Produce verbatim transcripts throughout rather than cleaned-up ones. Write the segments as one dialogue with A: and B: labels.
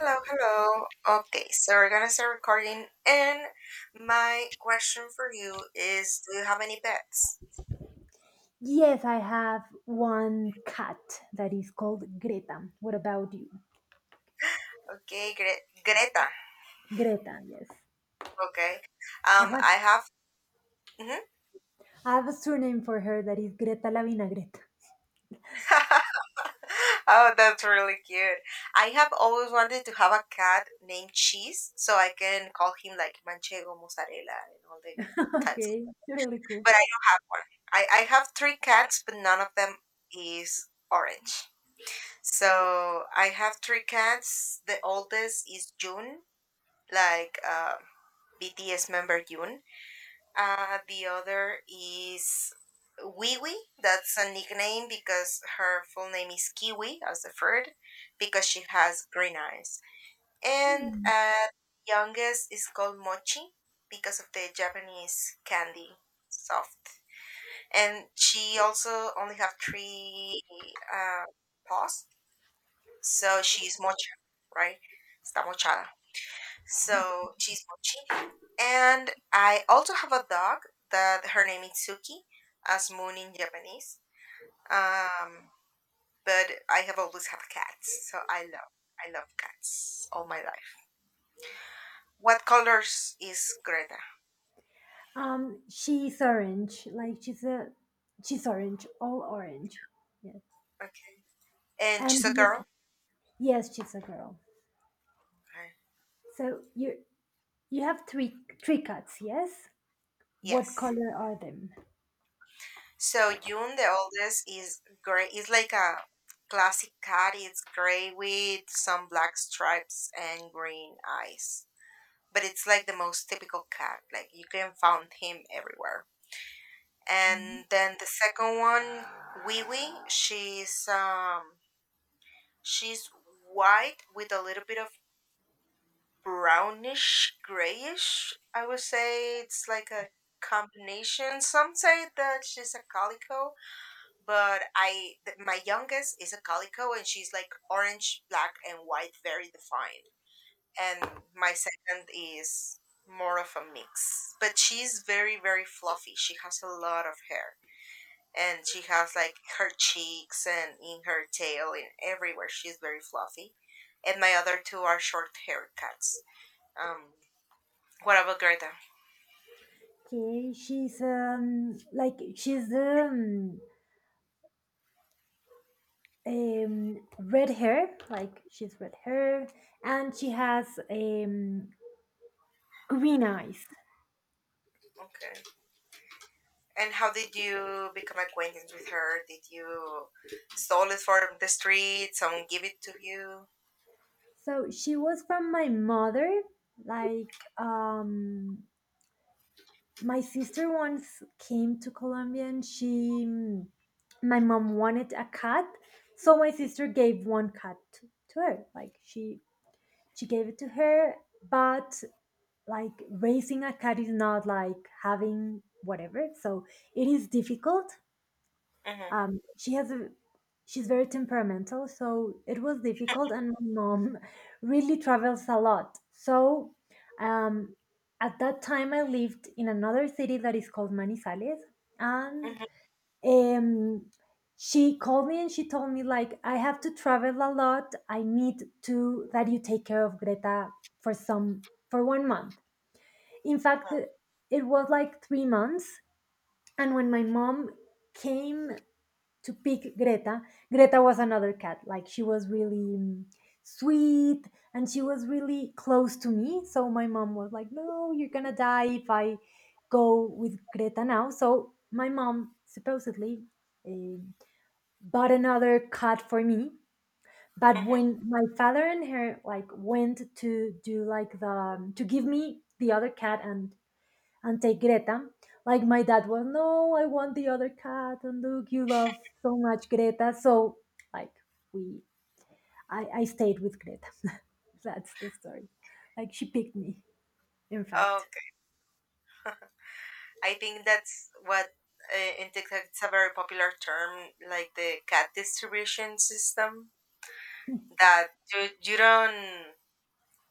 A: Hello, hello. Okay, so we're gonna start recording. And my question for you is, do you have any pets?
B: Yes, I have one cat that is called Greta. What about you?
A: Okay, Gre- Greta.
B: Greta, yes.
A: Okay.
B: I
A: Um,
B: have,
A: I have. Mhm.
B: I have a surname for her that is Greta la Vinagreta.
A: oh, that's really cute. I have always wanted to have a cat named Cheese so I can call him like Manchego, Mozzarella, and all the cats.
B: Okay, really cool.
A: But I don't have one. I, I have three cats, but none of them is orange. So I have three cats. The oldest is June, like uh, B T S member June. Uh, the other is Wee Wee. That's a nickname because her full name is Kiwi, as the third, because she has green eyes. And
B: Hmm.
A: uh, youngest is called Mochi because of the Japanese candy soft. And she also only have three uh, paws so she's mochi, right? Está mochada. So she's mochi. And I also have a dog that her name is Suki, as moon in Japanese. Um, but I have always had cats, so I love I love cats all my life. What colors is Greta?
B: Um, she's orange. Like she's a, she's orange, all orange. Yes,
A: Okay. And
B: and
A: she's a
B: yes,
A: girl.
B: yes, she's a girl.
A: Okay.
B: So you you have three three cats. Yes. What
A: Yes.
B: color are them?
A: So June, the oldest, is gray. It's like a classic cat. It's gray with some black stripes and green eyes. But it's like the most typical cat. Like you can find him everywhere.
B: Hmm.
A: And then the second one, Wiwi, she's um she's white with a little bit of brownish grayish. I would say it's like a combination. Some say that she's a calico, but I th- my youngest is a calico and she's like orange, black, and white, very defined. And my second is more of a mix, but she's very very fluffy. She has a lot of hair and she has like her cheeks and in her tail and everywhere. She's very fluffy. And my other two are short haircuts. Um, what about Greta?
B: Okay, she's um like she's um um red hair, like she's red hair, and she has um green eyes.
A: Okay. And how did you become acquainted with her? Did you stole it from the street? Someone give it to you?
B: So she was from my mother, like, um my sister once came to Colombia, and she my mom wanted a cat, so my sister gave one cat to, to her. Like she she gave it to her. But like raising a cat is not like having whatever, so it is difficult.
A: Mm-hmm.
B: Um, she has a, she's very temperamental, so it was difficult. And my mom really travels a lot. So um, at that time, I lived in another city that is called Manizales, and
A: Mm-hmm.
B: um, she called me and she told me, like, I have to travel a lot. I need to that you take care of Greta for some for one month. In fact,
A: Mm-hmm.
B: it was like three months. And when my mom came to pick Greta. Greta was another cat. Like she was really mm, sweet, and she was really close to me. So my mom was like, "No, you're gonna die if I go with Greta now." So my mom supposedly eh, bought another cat for me. But when my father and her like went to do, like the, to give me the other cat and and take Greta. Like my dad was, no, I want the other cat, and look, you love so much Greta. So like we, I, I stayed with Greta. That's the story. Like she picked me, in
A: Mm-hmm.
B: fact.
A: Okay. I think that's what, uh, in TikTok, it's a very popular term, like the cat distribution system. That you you don't,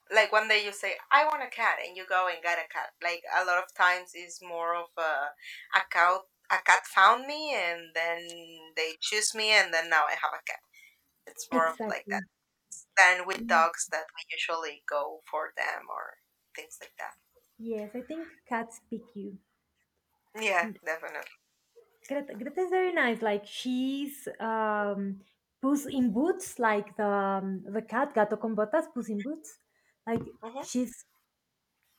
A: like, one day you say I want a cat and you go and get a cat. Like a lot of times it's more of a a cat a cat found me and then they choose me and then now I have a cat. It's more of like that
B: Exactly.
A: than with
B: Mm.
A: dogs that we usually go for them or things like that.
B: Yes, I think cats pick you.
A: Yeah,
B: And
A: definitely,
B: Greta,
A: definitely.
B: Greta is very nice. Like she's um, Puss in Boots, like the um, the cat Gato con Botas, Puss in Boots. Like
A: Mm-hmm.
B: she's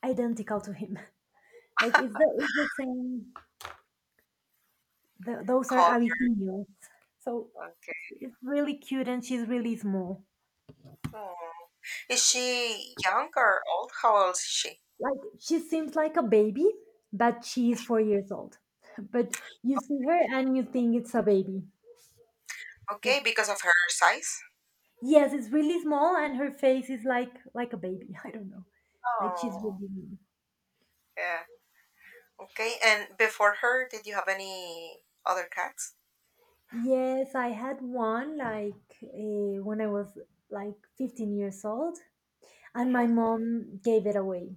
B: identical to him. Like it's the it's the same. Th those are
A: Coffee.
B: Abyssinians. So
A: Okay.
B: it's really cute and she's really small.
A: Oh. Is she young or old? How old is she?
B: Like she seems like a baby, but she is four years old. But you see her and you think it's a baby.
A: Okay, because of her size.
B: Yes, it's really small, and her face is like like a baby. I don't know. Like she's
A: Oh,
B: really small.
A: yeah. Okay, and before her, did you have any other cats?
B: Yes, I had one, like, uh, when I was like fifteen years old, and my
A: Hmm.
B: mom gave it away.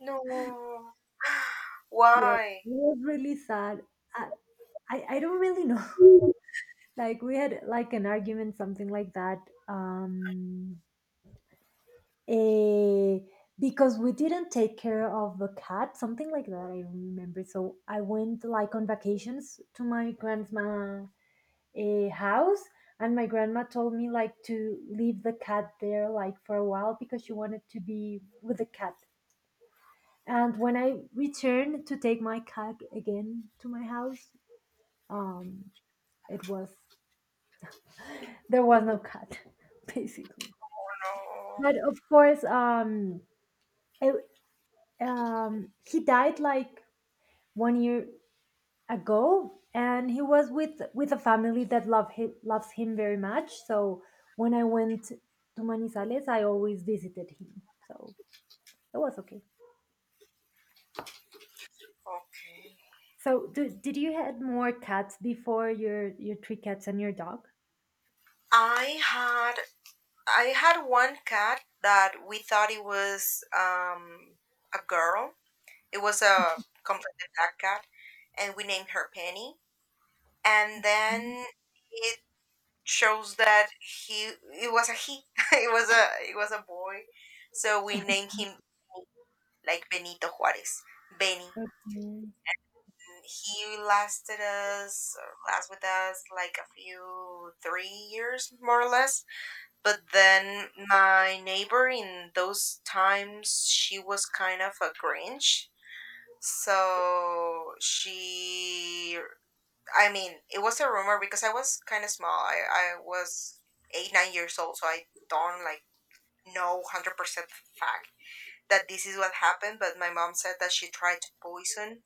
A: No.
B: Yeah, it
A: Why?
B: was really sad. I, I, I don't really know.
A: Oh
B: Like we had like an argument, something like that. um eh, because we didn't take care of the cat, something like that I remember. So I went like on vacations to my grandma, eh, house. And my grandma told me like to leave the cat there like for a while because she wanted to be with the cat. And when I returned to take my cat again to my house, um it was, there was no cat, basically.
A: no.
B: But of course, um, it, um, he died like one year ago, and he was with with a family that love him, loves him very much. So when I went to Manizales, I always visited him. So it was okay.
A: Okay.
B: So do, did you had more cats before your your three cats and your dog?
A: I had I had one cat that we thought it was, um, a girl. It was a completely black cat, and we named her Penny. And
B: Mhm.
A: then it shows that he it was a he. it was a it was a boy, so we named him like Benito Juarez, Benny.
B: Okay.
A: He lasted us, or last with us, like a few three years more or less. But then my neighbor in those times, she was kind of a Grinch. So she, I mean, it was a rumor because I was kind of small. I, I was eight, nine years old, so I don't like know one hundred percent fact that this is what happened. But my mom said that she tried to poison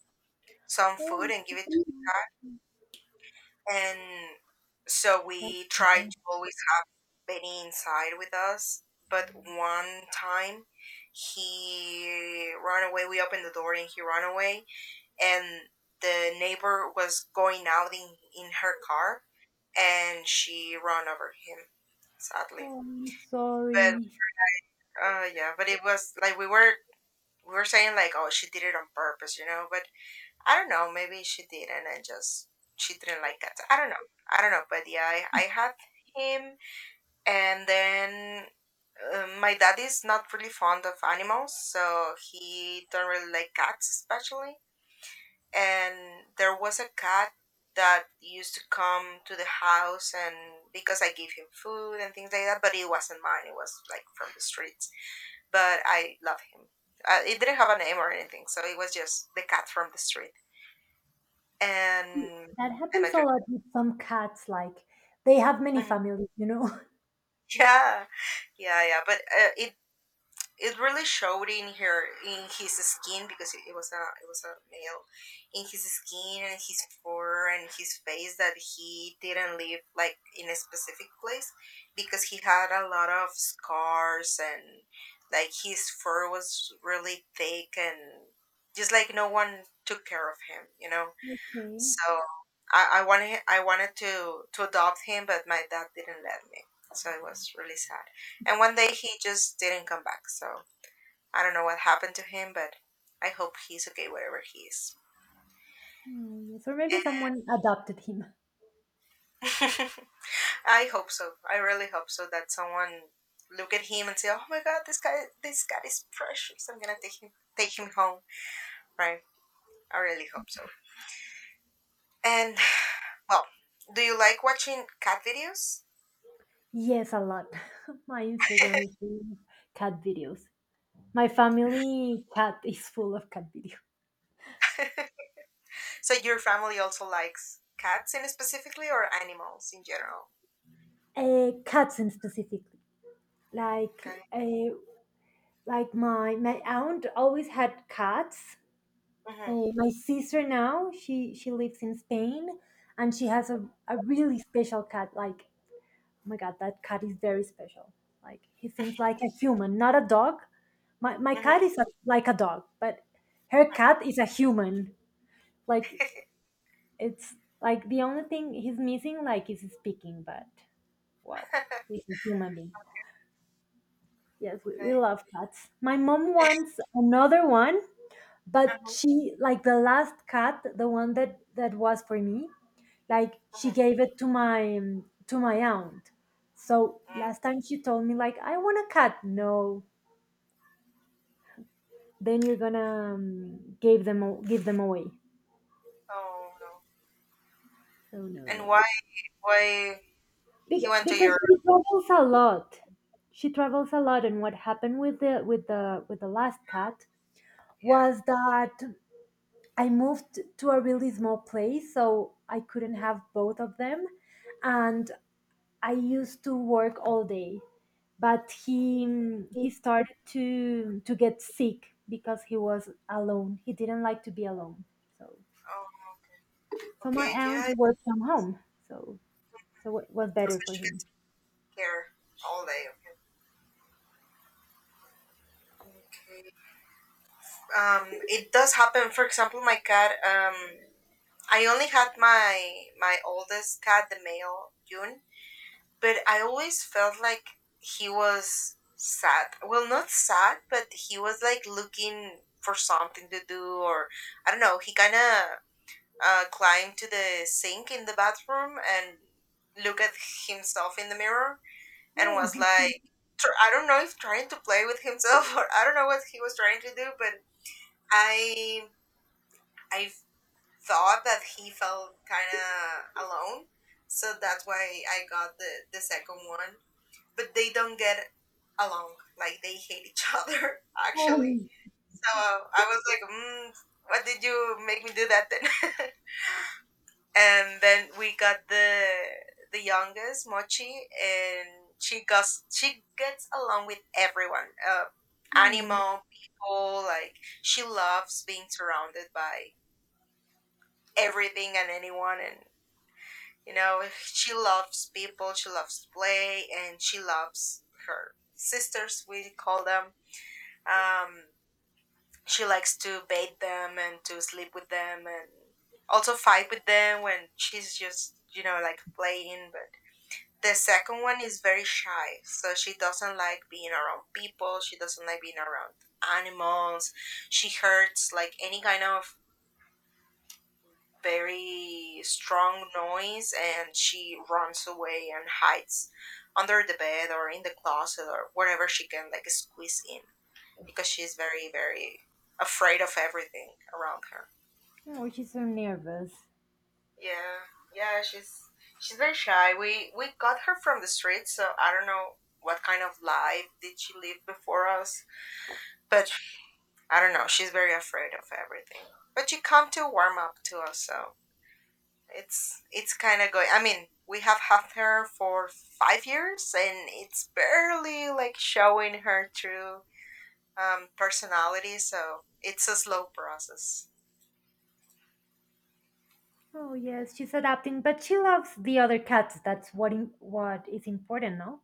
A: some
B: Oh,
A: food and
B: so-
A: give it to the cat. And so
B: that's
A: we
B: so
A: tried
B: bad.
A: to always Benny inside with us. But one time he ran away. We opened the door and he ran away. And the neighbor was going out in, in her car and she ran over him, sadly.
B: Oh, I'm
A: But
B: sorry.
A: uh, yeah, but it was like we were we were saying like, oh, she did it on purpose, you know. But I don't know. Maybe she did, not, and just she didn't like cats. I don't know. I don't know. But yeah, I, I had him, and then um, my dad is not really fond of animals, so he don't really like cats, especially, and there was a cat that used to come to the house and because I gave him food and things like that, but it wasn't mine, it was like from the streets, but I love him. uh, it didn't have a name or anything, so it was just the cat from the street, and, and
B: That
A: my
B: happens a
A: dog-
B: lot with some cats, like they have many
A: Mhm.
B: families, you know.
A: yeah, yeah, yeah, but uh, it it really showed in her, in his skin, because it, it was a it was a male, in his skin and his fur and his face, that he didn't live like in a specific place, because he had a lot of scars and like his fur was really thick and just like no one took care of him, you know.
B: Okay.
A: So I, I wanted I wanted to to adopt him but my dad didn't let me, so it was really sad, and one day he just didn't come back, so I don't know what happened to him, but I hope he's okay wherever he is.
B: Oh, yes. Or maybe someone adopted him.
A: I hope so. I really hope so, that someone look at him and say, "Oh my God, this guy, this guy is precious. I'm gonna take him, take him home." Right? I really hope so. And well, do you like watching cat videos?
B: Yes, a lot. My Instagram is full of cat videos. My family cat is full of cat videos.
A: So your family also likes cats, in specifically, or animals in general?
B: Uh, cats in specifically. Like,
A: Okay.
B: uh, like my my aunt always had cats.
A: Mhm.
B: Uh, my sister now, she she lives in Spain, and she has a, a really special cat. Like, oh my god, that cat is very special. Like he seems like a human, not a dog. My, my cat
A: Mhm.
B: is a, like a dog, but her cat is a human. Like it's like the only thing he's missing like is speaking, but wow, he's a human being. Yes, we, we
A: okay.
B: love cats. My mom wants another one, but
A: Uh-huh.
B: she, like, the last cat, the one that that was for me, like she
A: Mhm.
B: gave it to my um, to my aunt. So
A: Mm.
B: last time she told me like I want a cat. No, then you're gonna um, give them a- give them away.
A: Oh no.
B: So no,
A: And
B: no,
A: why?
B: no.
A: Why he
B: Bec-
A: went to
B: because
A: your?
B: she travels a lot. She travels a lot, and what happened with the with the with the last cat
A: Yeah.
B: was that I moved to a really small place, so I couldn't have both of them. And I used to work all day, but he he started to to get sick because he was alone. He didn't like to be alone. So
A: Oh,
B: so my
A: okay,
B: aunt
A: yeah,
B: worked from home. So so it was better for him.
A: especially care all day. Okay. Okay. Um, it does happen. For example, my cat. Um, I only had my my oldest cat, the male June, but I always felt like he was sad. Well, not sad, but he was like looking for something to do, or I don't know. He kind of uh, climbed to the sink in the bathroom and look at himself in the mirror and was like, tr- I don't know if trying to play with himself, or I don't know what he was trying to do, but I I thought that he felt kind of alone, so that's why I got the the second one. But they don't get along; like they hate each other, actually.
B: Oh,
A: So I was like, mm, what did you make me do that then? and then we got the the youngest Mochi, and she gets she gets along with everyone, uh,
B: oh, oh,
A: animal people. Like she loves being surrounded by everything and anyone, and you know she loves people. She loves play, and she loves her sisters, we call them. Um, she likes to bathe them and to sleep with them, and also fight with them when she's just you know like playing, but the second one is very shy, so she doesn't like being around people. She doesn't like being around animals. She hurts like any kind of very strong noise, and she runs away and hides under the bed or in the closet or wherever she can like squeeze in, because she's very very afraid of everything around her.
B: oh, she's so nervous.
A: Yeah, yeah, she's she's very shy. We we got her from the street, so I don't know what kind of life did she live before us. But I don't know. She's very afraid of everything. But she come to warm up to us, so it's it's kind of going. I mean, we have had her for five years, and it's barely like showing her true, um, personality. So it's a slow process.
B: Oh yes, she's adapting, but she loves the other cats. That's what im- what is important, no?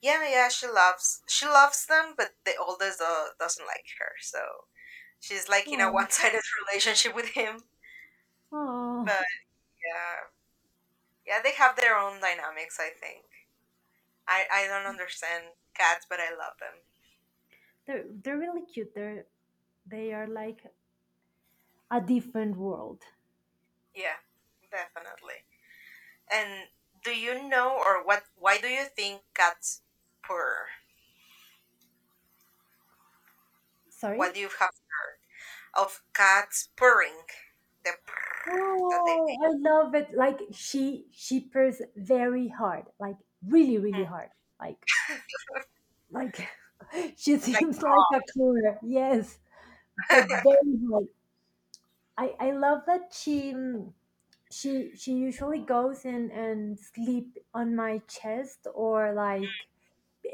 A: Yeah, yeah, she loves she loves them, but the oldest, uh, doesn't like her, so she's like in a
B: Oh,
A: one sided relationship with him.
B: oh,
A: But yeah. Yeah, they have their own dynamics, I think. I, I don't understand cats, but I love them.
B: they're they're really cute. They're, they are like a different world.
A: Yeah, definitely. And do you know or what why do you think cats purr? What
B: Sorry.
A: do you have heard of cats purring? The purr that they
B: Oh, I love it. Like she she purrs very hard, like really, really hard. Like
A: Mm.
B: like she
A: like
B: seems like a cooler. Yes, but
A: cough.
B: very hard. I I love that she mm, she she usually goes and and sleep on my chest or like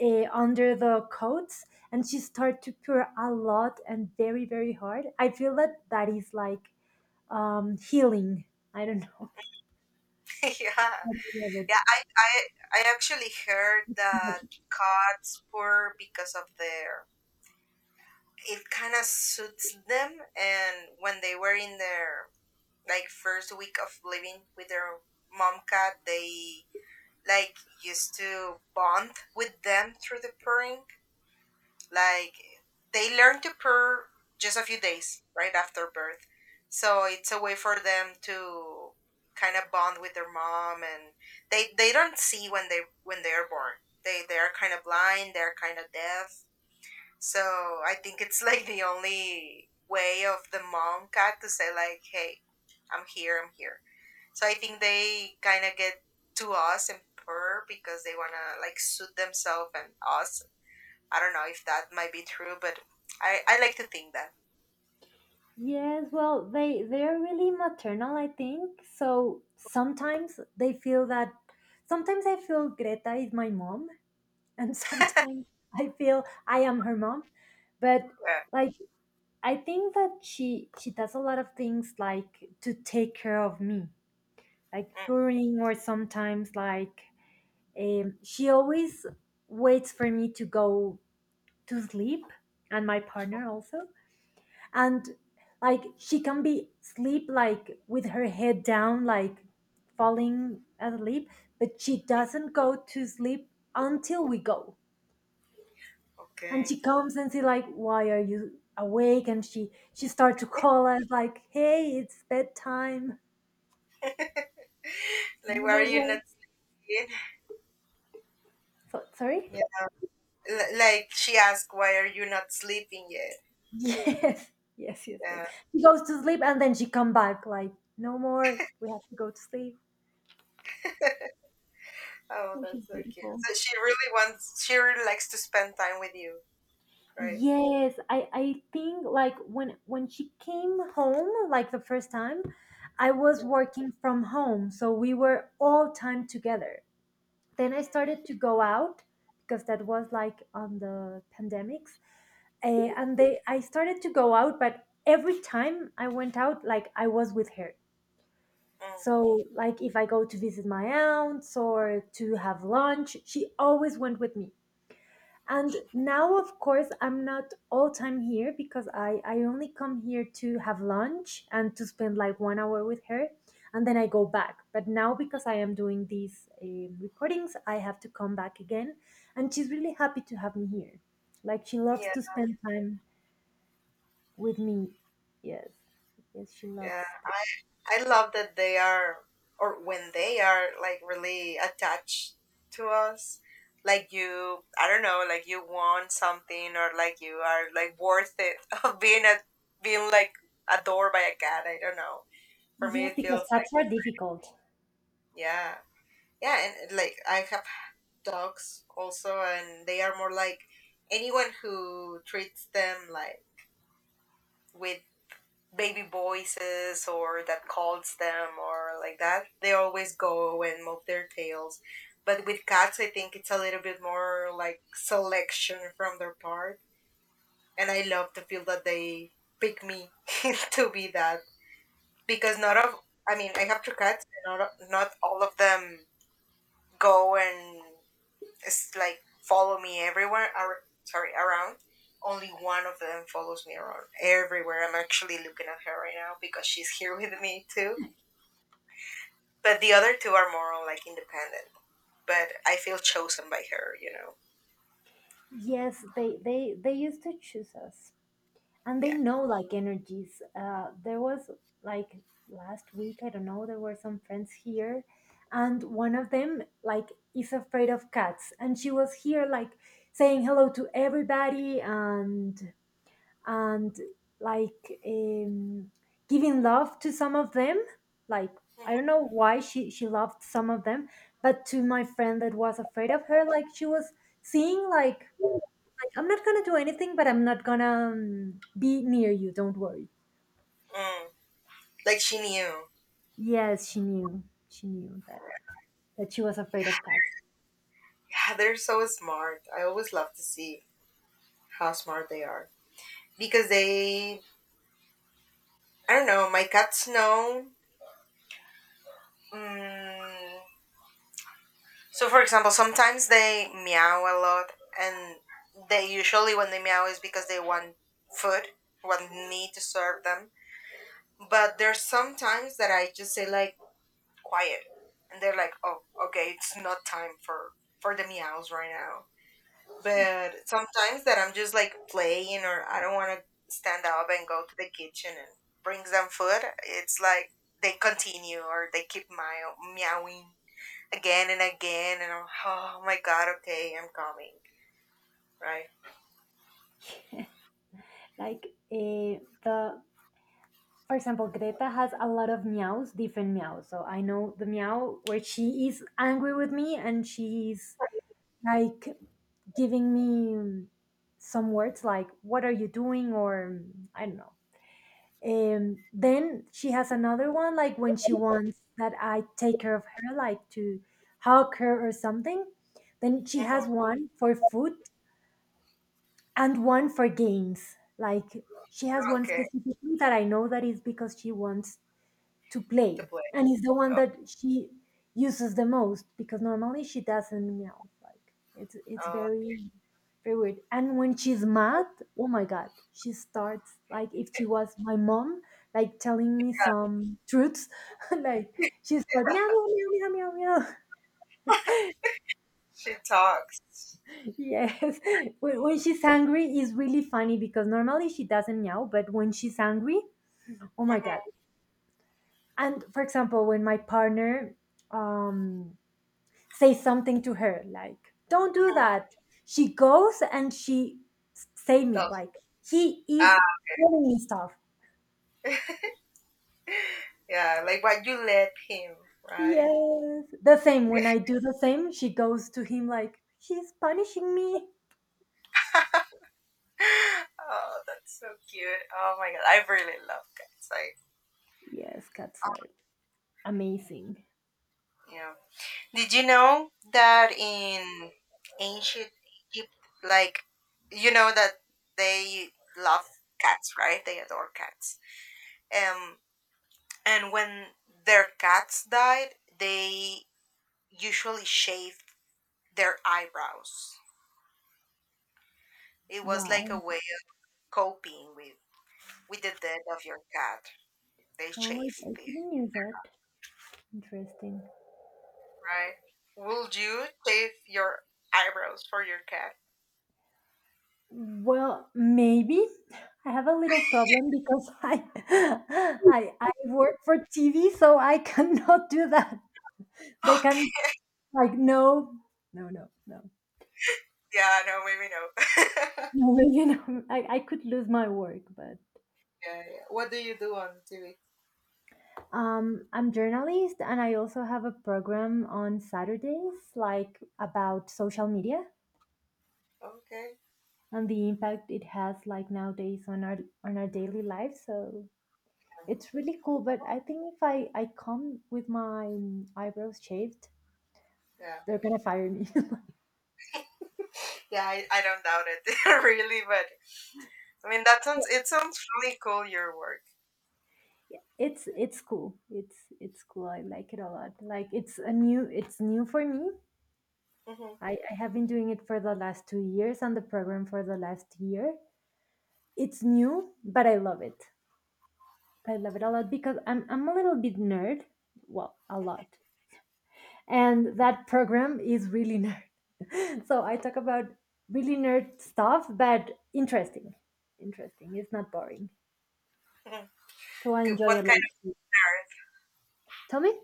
B: eh, under the coats, and she start to purr a lot and very very hard. I feel that that is like um healing. I don't know.
A: yeah.
B: I love
A: Yeah, I, I I actually heard that
B: it.
A: cats purr because of their, it kind of suits them, and when they were in their like first week of living with their mom cat, they like used to bond with them through the purring, like they learn to purr just a few days right after birth, so it's a way for them to kind of bond with their mom, and they they don't see when they when they're born, they they are kind of blind, they're kind of deaf, so I think it's like the only way of the mom cat to say like, "Hey, I'm here, I'm here." So I think they kind of get to us and her because they wanna like suit themselves and us. I don't know if that might be true, but I I like to think that.
B: Yes, well, they they're really maternal, I think. So sometimes they feel that sometimes I feel Greta is my mom, and sometimes I feel I am her mom. But
A: Yeah.
B: like I think that she she does a lot of things like to take care of me, like
A: Mm,
B: purring, or sometimes like um, she always waits for me to go to sleep, and my partner also. And like she can be sleep like with her head down, like falling asleep, but she doesn't go to sleep until we go. And
A: okay.
B: she comes, and she like, why are you awake? And she she starts to call us like, hey, it's bedtime,
A: Like,
B: no
A: why are
B: more
A: you
B: work.
A: not sleeping?
B: So, sorry.
A: Yeah. L- like she asked, "Why are you not sleeping yet?"
B: Yes, yes, yes. Yes,
A: Yeah.
B: she goes to sleep, and then she come back like, no more, we have to go to sleep.
A: Oh,
B: Which is
A: that's so cute.
B: beautiful.
A: So she really wants. She really likes to spend time with you, right?
B: Yes, I I think like when when she came home like the first time, I was
A: Mhm.
B: working from home, so we were all time together. Then I started
A: Mm.
B: to go out, because that was like on the pandemics, uh, and they I started to go out, but every time I went out, like I was with her.
A: Mm,
B: So like if I go to visit my aunts or to have lunch, she always went with me. And now of course I'm not all time here, because i I only come here to have lunch and to spend like one hour with her, and then I go back. But now because I am doing these um recordings, I have to come back again. And she's really happy to have me here, like she loves
A: yeah,
B: to spend time with me. Yes, yes, she
A: yeah.
B: loves.
A: I, I love that they are, or when they are, like really attached to us. Like you, I don't know, like you want something, or like you are like worth it of being a being like adored by a cat. I don't know. For me,
B: Yes,
A: it
B: because
A: feels like
B: cats are difficult.
A: yeah, yeah, and like I have dogs also, and they are more like anyone who treats them like with baby voices or that calls them or like that, they always go and move their tails. But with cats, I think it's a little bit more like selection from their part. And I love to feel that they pick me to be that because not of, I mean, I have two cats, and not, not all of them go and it's like follow me everywhere. Ar- sorry, around. Only one of them follows me around everywhere. I'm actually looking at her right now because she's here with me too. But the other two are more on, like independent. But I feel chosen by her, you know.
B: Yes, they they they used to choose us, and they
A: Yeah.
B: know like energies. Uh, there was, like, last week, I don't know, there were some friends here, and one of them, like, is afraid of cats. And she was here like saying hello to everybody, and and like, um giving love to some of them. Like, I don't
A: Mhm.
B: know why she she loved some of them. But to my friend that was afraid of her, like she was seeing like, I'm not gonna do anything, but I'm not gonna um, be near you. Don't worry.
A: Mm. Like she knew.
B: Yes, she knew. She knew that that she was afraid of cats.
A: Yeah, they're so smart. I always love to see how smart they are because they. I don't know. My cats know. Mm, so, for example, sometimes they meow a lot, and they usually, when they meow, is because they want food, want me to serve them. But there's some times that I just say, like, quiet. And they're like, oh, okay, it's not time for, for the meows right now.
B: Yeah,
A: But sometimes that I'm just like playing, or I don't want to stand up and go to the kitchen and bring them food, it's like they continue or they keep meow- meowing again and again, and I'm, oh my god, okay, I'm coming, right?
B: like, uh, the, for example, Greta has a lot of meows, different meows. So I know the meow where she is angry with me, and she's like giving me um, some words like "What are you doing?" or um, I don't know. Um, then she has another one, like when she wants that I take care of her, like to hug her or something. Then she
A: Hmm.
B: has one for food and one for games. Like she has one
A: Okay,
B: specifically that I know that is because she wants to
A: to
B: play,
A: play.
B: and it's the one
A: Oh,
B: that she uses the most because normally she doesn't meow. Like it's it's
A: oh,
B: very very weird. And when she's mad, oh my god, she starts like if she was my mom, like telling me some truths. Like she's like meow meow meow meow meow meow.
A: she talks.
B: Yes, when, when she's angry is really funny because normally she doesn't meow, but when she's angry, oh my god.
A: Mm-hmm.
B: And for example, when my partner um say something to her like "Don't do
A: Mm-hmm.
B: that," she goes and she say me
A: Talks.
B: like he
A: Ah,
B: is telling me stuff.
A: yeah, like but you let him, right?
B: Yes, the same when I do the same, she goes to him like she's punishing me.
A: Oh, that's so cute. Oh my god, I really love cats. Like,
B: Yes, cats are amazing.
A: yeah. Did you know that in ancient Egypt, like, you know that they love cats, right? They adore cats. Um, And when their cats died, they usually shaved their eyebrows. It was like
B: Wow.
A: a way of coping with, with the death of your cat. They
B: oh i,
A: shaved
B: I
A: it,
B: didn't knew that. Interesting.
A: right? Would you shave your eyebrows for your cat?
B: Well, maybe. I have a little problem because I i i work for tv, so I cannot do that. They can.
A: Okay.
B: Like, no, no, no, no.
A: Yeah, no, maybe no. Yeah,
B: No, you know, I, I could lose my work, but
A: yeah. What do you do on T V?
B: um, I'm journalist and I also have a program on Saturdays, like about social media
A: Okay.
B: and the impact it has like nowadays on our on our daily life. So it's really cool. But I think if I, I come with my eyebrows shaved,
A: Yeah.
B: they're gonna fire me.
A: Yeah, I, I don't doubt it really, but I mean that sounds it sounds really cool your work.
B: it's it's cool. It's it's cool. I like it a lot. Like it's a new it's new for me.
A: Hmm.
B: I, I have been doing it for the last two years, and the program for the last year. It's new, but I love it. I love it a lot because I'm I'm a little bit nerd. Well, a lot. And that program is really nerd. So I talk about really nerd stuff, but interesting. Interesting. It's not boring. So I enjoy it
A: What
B: a
A: kind? Of?
B: lot. Tell me.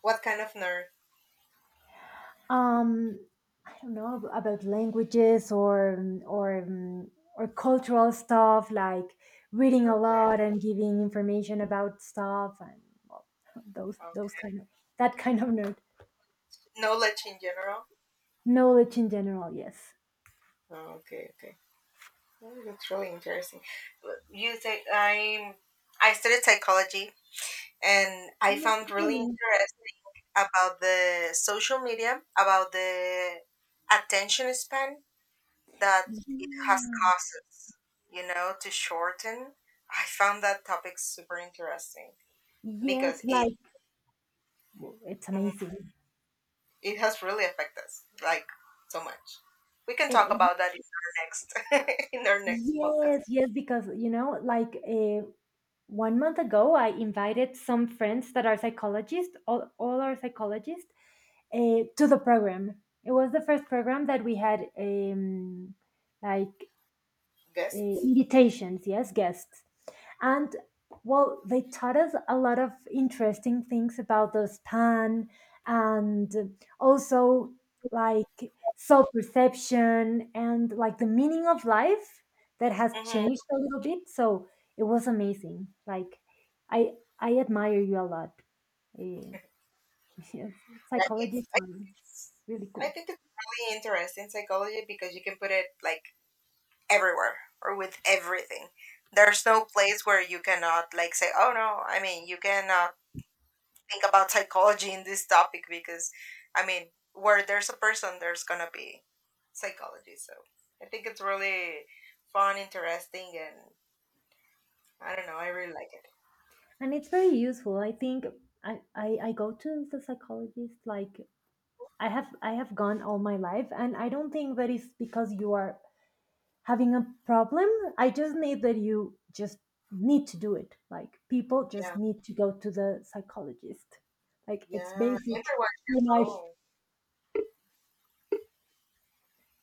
A: What kind of nerd?
B: Um I don't know ab- about languages, or um, or um, or cultural stuff, like reading a
A: Okay,
B: lot and giving information about stuff and well, those those
A: okay.
B: kind of that kind of nerd
A: Knowledge in general.
B: knowledge in general. Yes.
A: Oh, okay, okay. Oh, that's really interesting. You say I'm. I studied psychology, and I found really
B: Okay.
A: interesting about the social media, about the attention span that it has
B: Yeah.
A: causes. You know, to shorten. I found that topic super interesting because
B: Yes.
A: it.
B: Like w- it's amazing.
A: It has really affected us, like so much. We can
B: It,
A: talk
B: it-
A: about that in our next in our next podcast
B: yes. Yes. Because you know, like uh, one month ago, I invited some friends that are psychologists. All all are psychologists, uh, to the program. It was the first program that we had um, like uh,
A: guests.
B: invitations, yes, guests. And well, they taught us a lot of interesting things about the span, and also like self perception and like the meaning of life that has
A: Hmm. Yeah,
B: changed a little bit. So it was amazing. Like, I I admire you a lot. Uh, yes,
A: it's,
B: psychologist,
A: I
B: um,
A: think it's
B: really
A: I
B: cool.
A: think it's really interesting psychology because you can put it like everywhere or with everything. There's no place where you cannot like say, oh no. I mean, you cannot think about psychology in this topic because, I mean, where there's a person, there's gonna be psychology. So I think it's really fun, interesting, and I don't know. I really like it.
B: And it's very useful, I think. I, I i go to the psychologist. Like i have i have gone all my life, and I don't think that is because you are having a problem. I just need that you just need to do it. Like people just
A: Yeah,
B: need to go to the psychologist, like it's
A: yeah.
B: basic
A: Everyone
B: for
A: should
B: life.
A: go.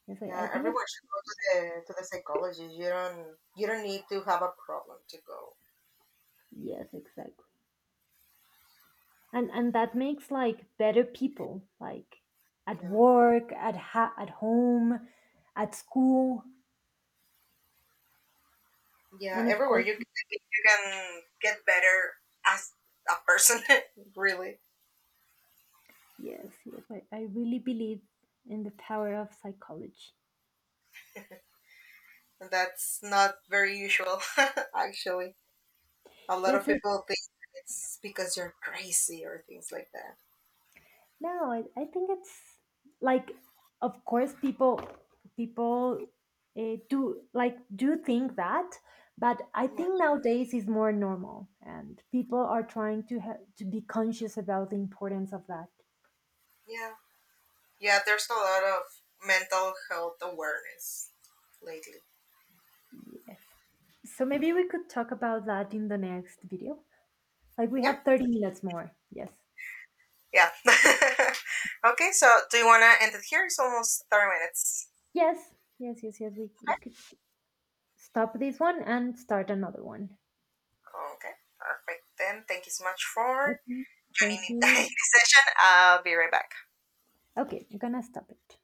B: yes i, I
A: Yeah,
B: think it's
A: everyone should go to the to the psychologist. You don't you don't need to have a problem to go.
B: yes exactly. And and that makes like better people, like at
A: Yeah,
B: work, at ha- at home, at school,
A: yeah.
B: and of
A: Everywhere
B: course.
A: you you can get better as a person. Really,
B: Yes, yes, I, I really believe in the power of psychology.
A: and that's not very usual. Actually, a lot of
B: Yes, it's
A: people think it's because you're crazy or things like that.
B: no, I, I think it's like of course people people uh, do like do think that, but I
A: Yeah,
B: think nowadays is more normal and people are trying to ha- to be conscious about the importance of that.
A: yeah. Yeah, there's a lot of mental health awareness lately.
B: Yes. So maybe we could talk about that in the next video. Like we
A: Yeah.
B: have thirty minutes more. Yes.
A: Yeah. Okay, so do you want to end it here? It's almost thirty minutes.
B: Yes. Yes, yes, yes. We, we could stop this one and start another one.
A: Okay, perfect. Then thank you so much for
B: Okay,
A: joining
B: thank
A: me
B: you.
A: in this session. I'll be right back.
B: Okay, I'm gonna stop it.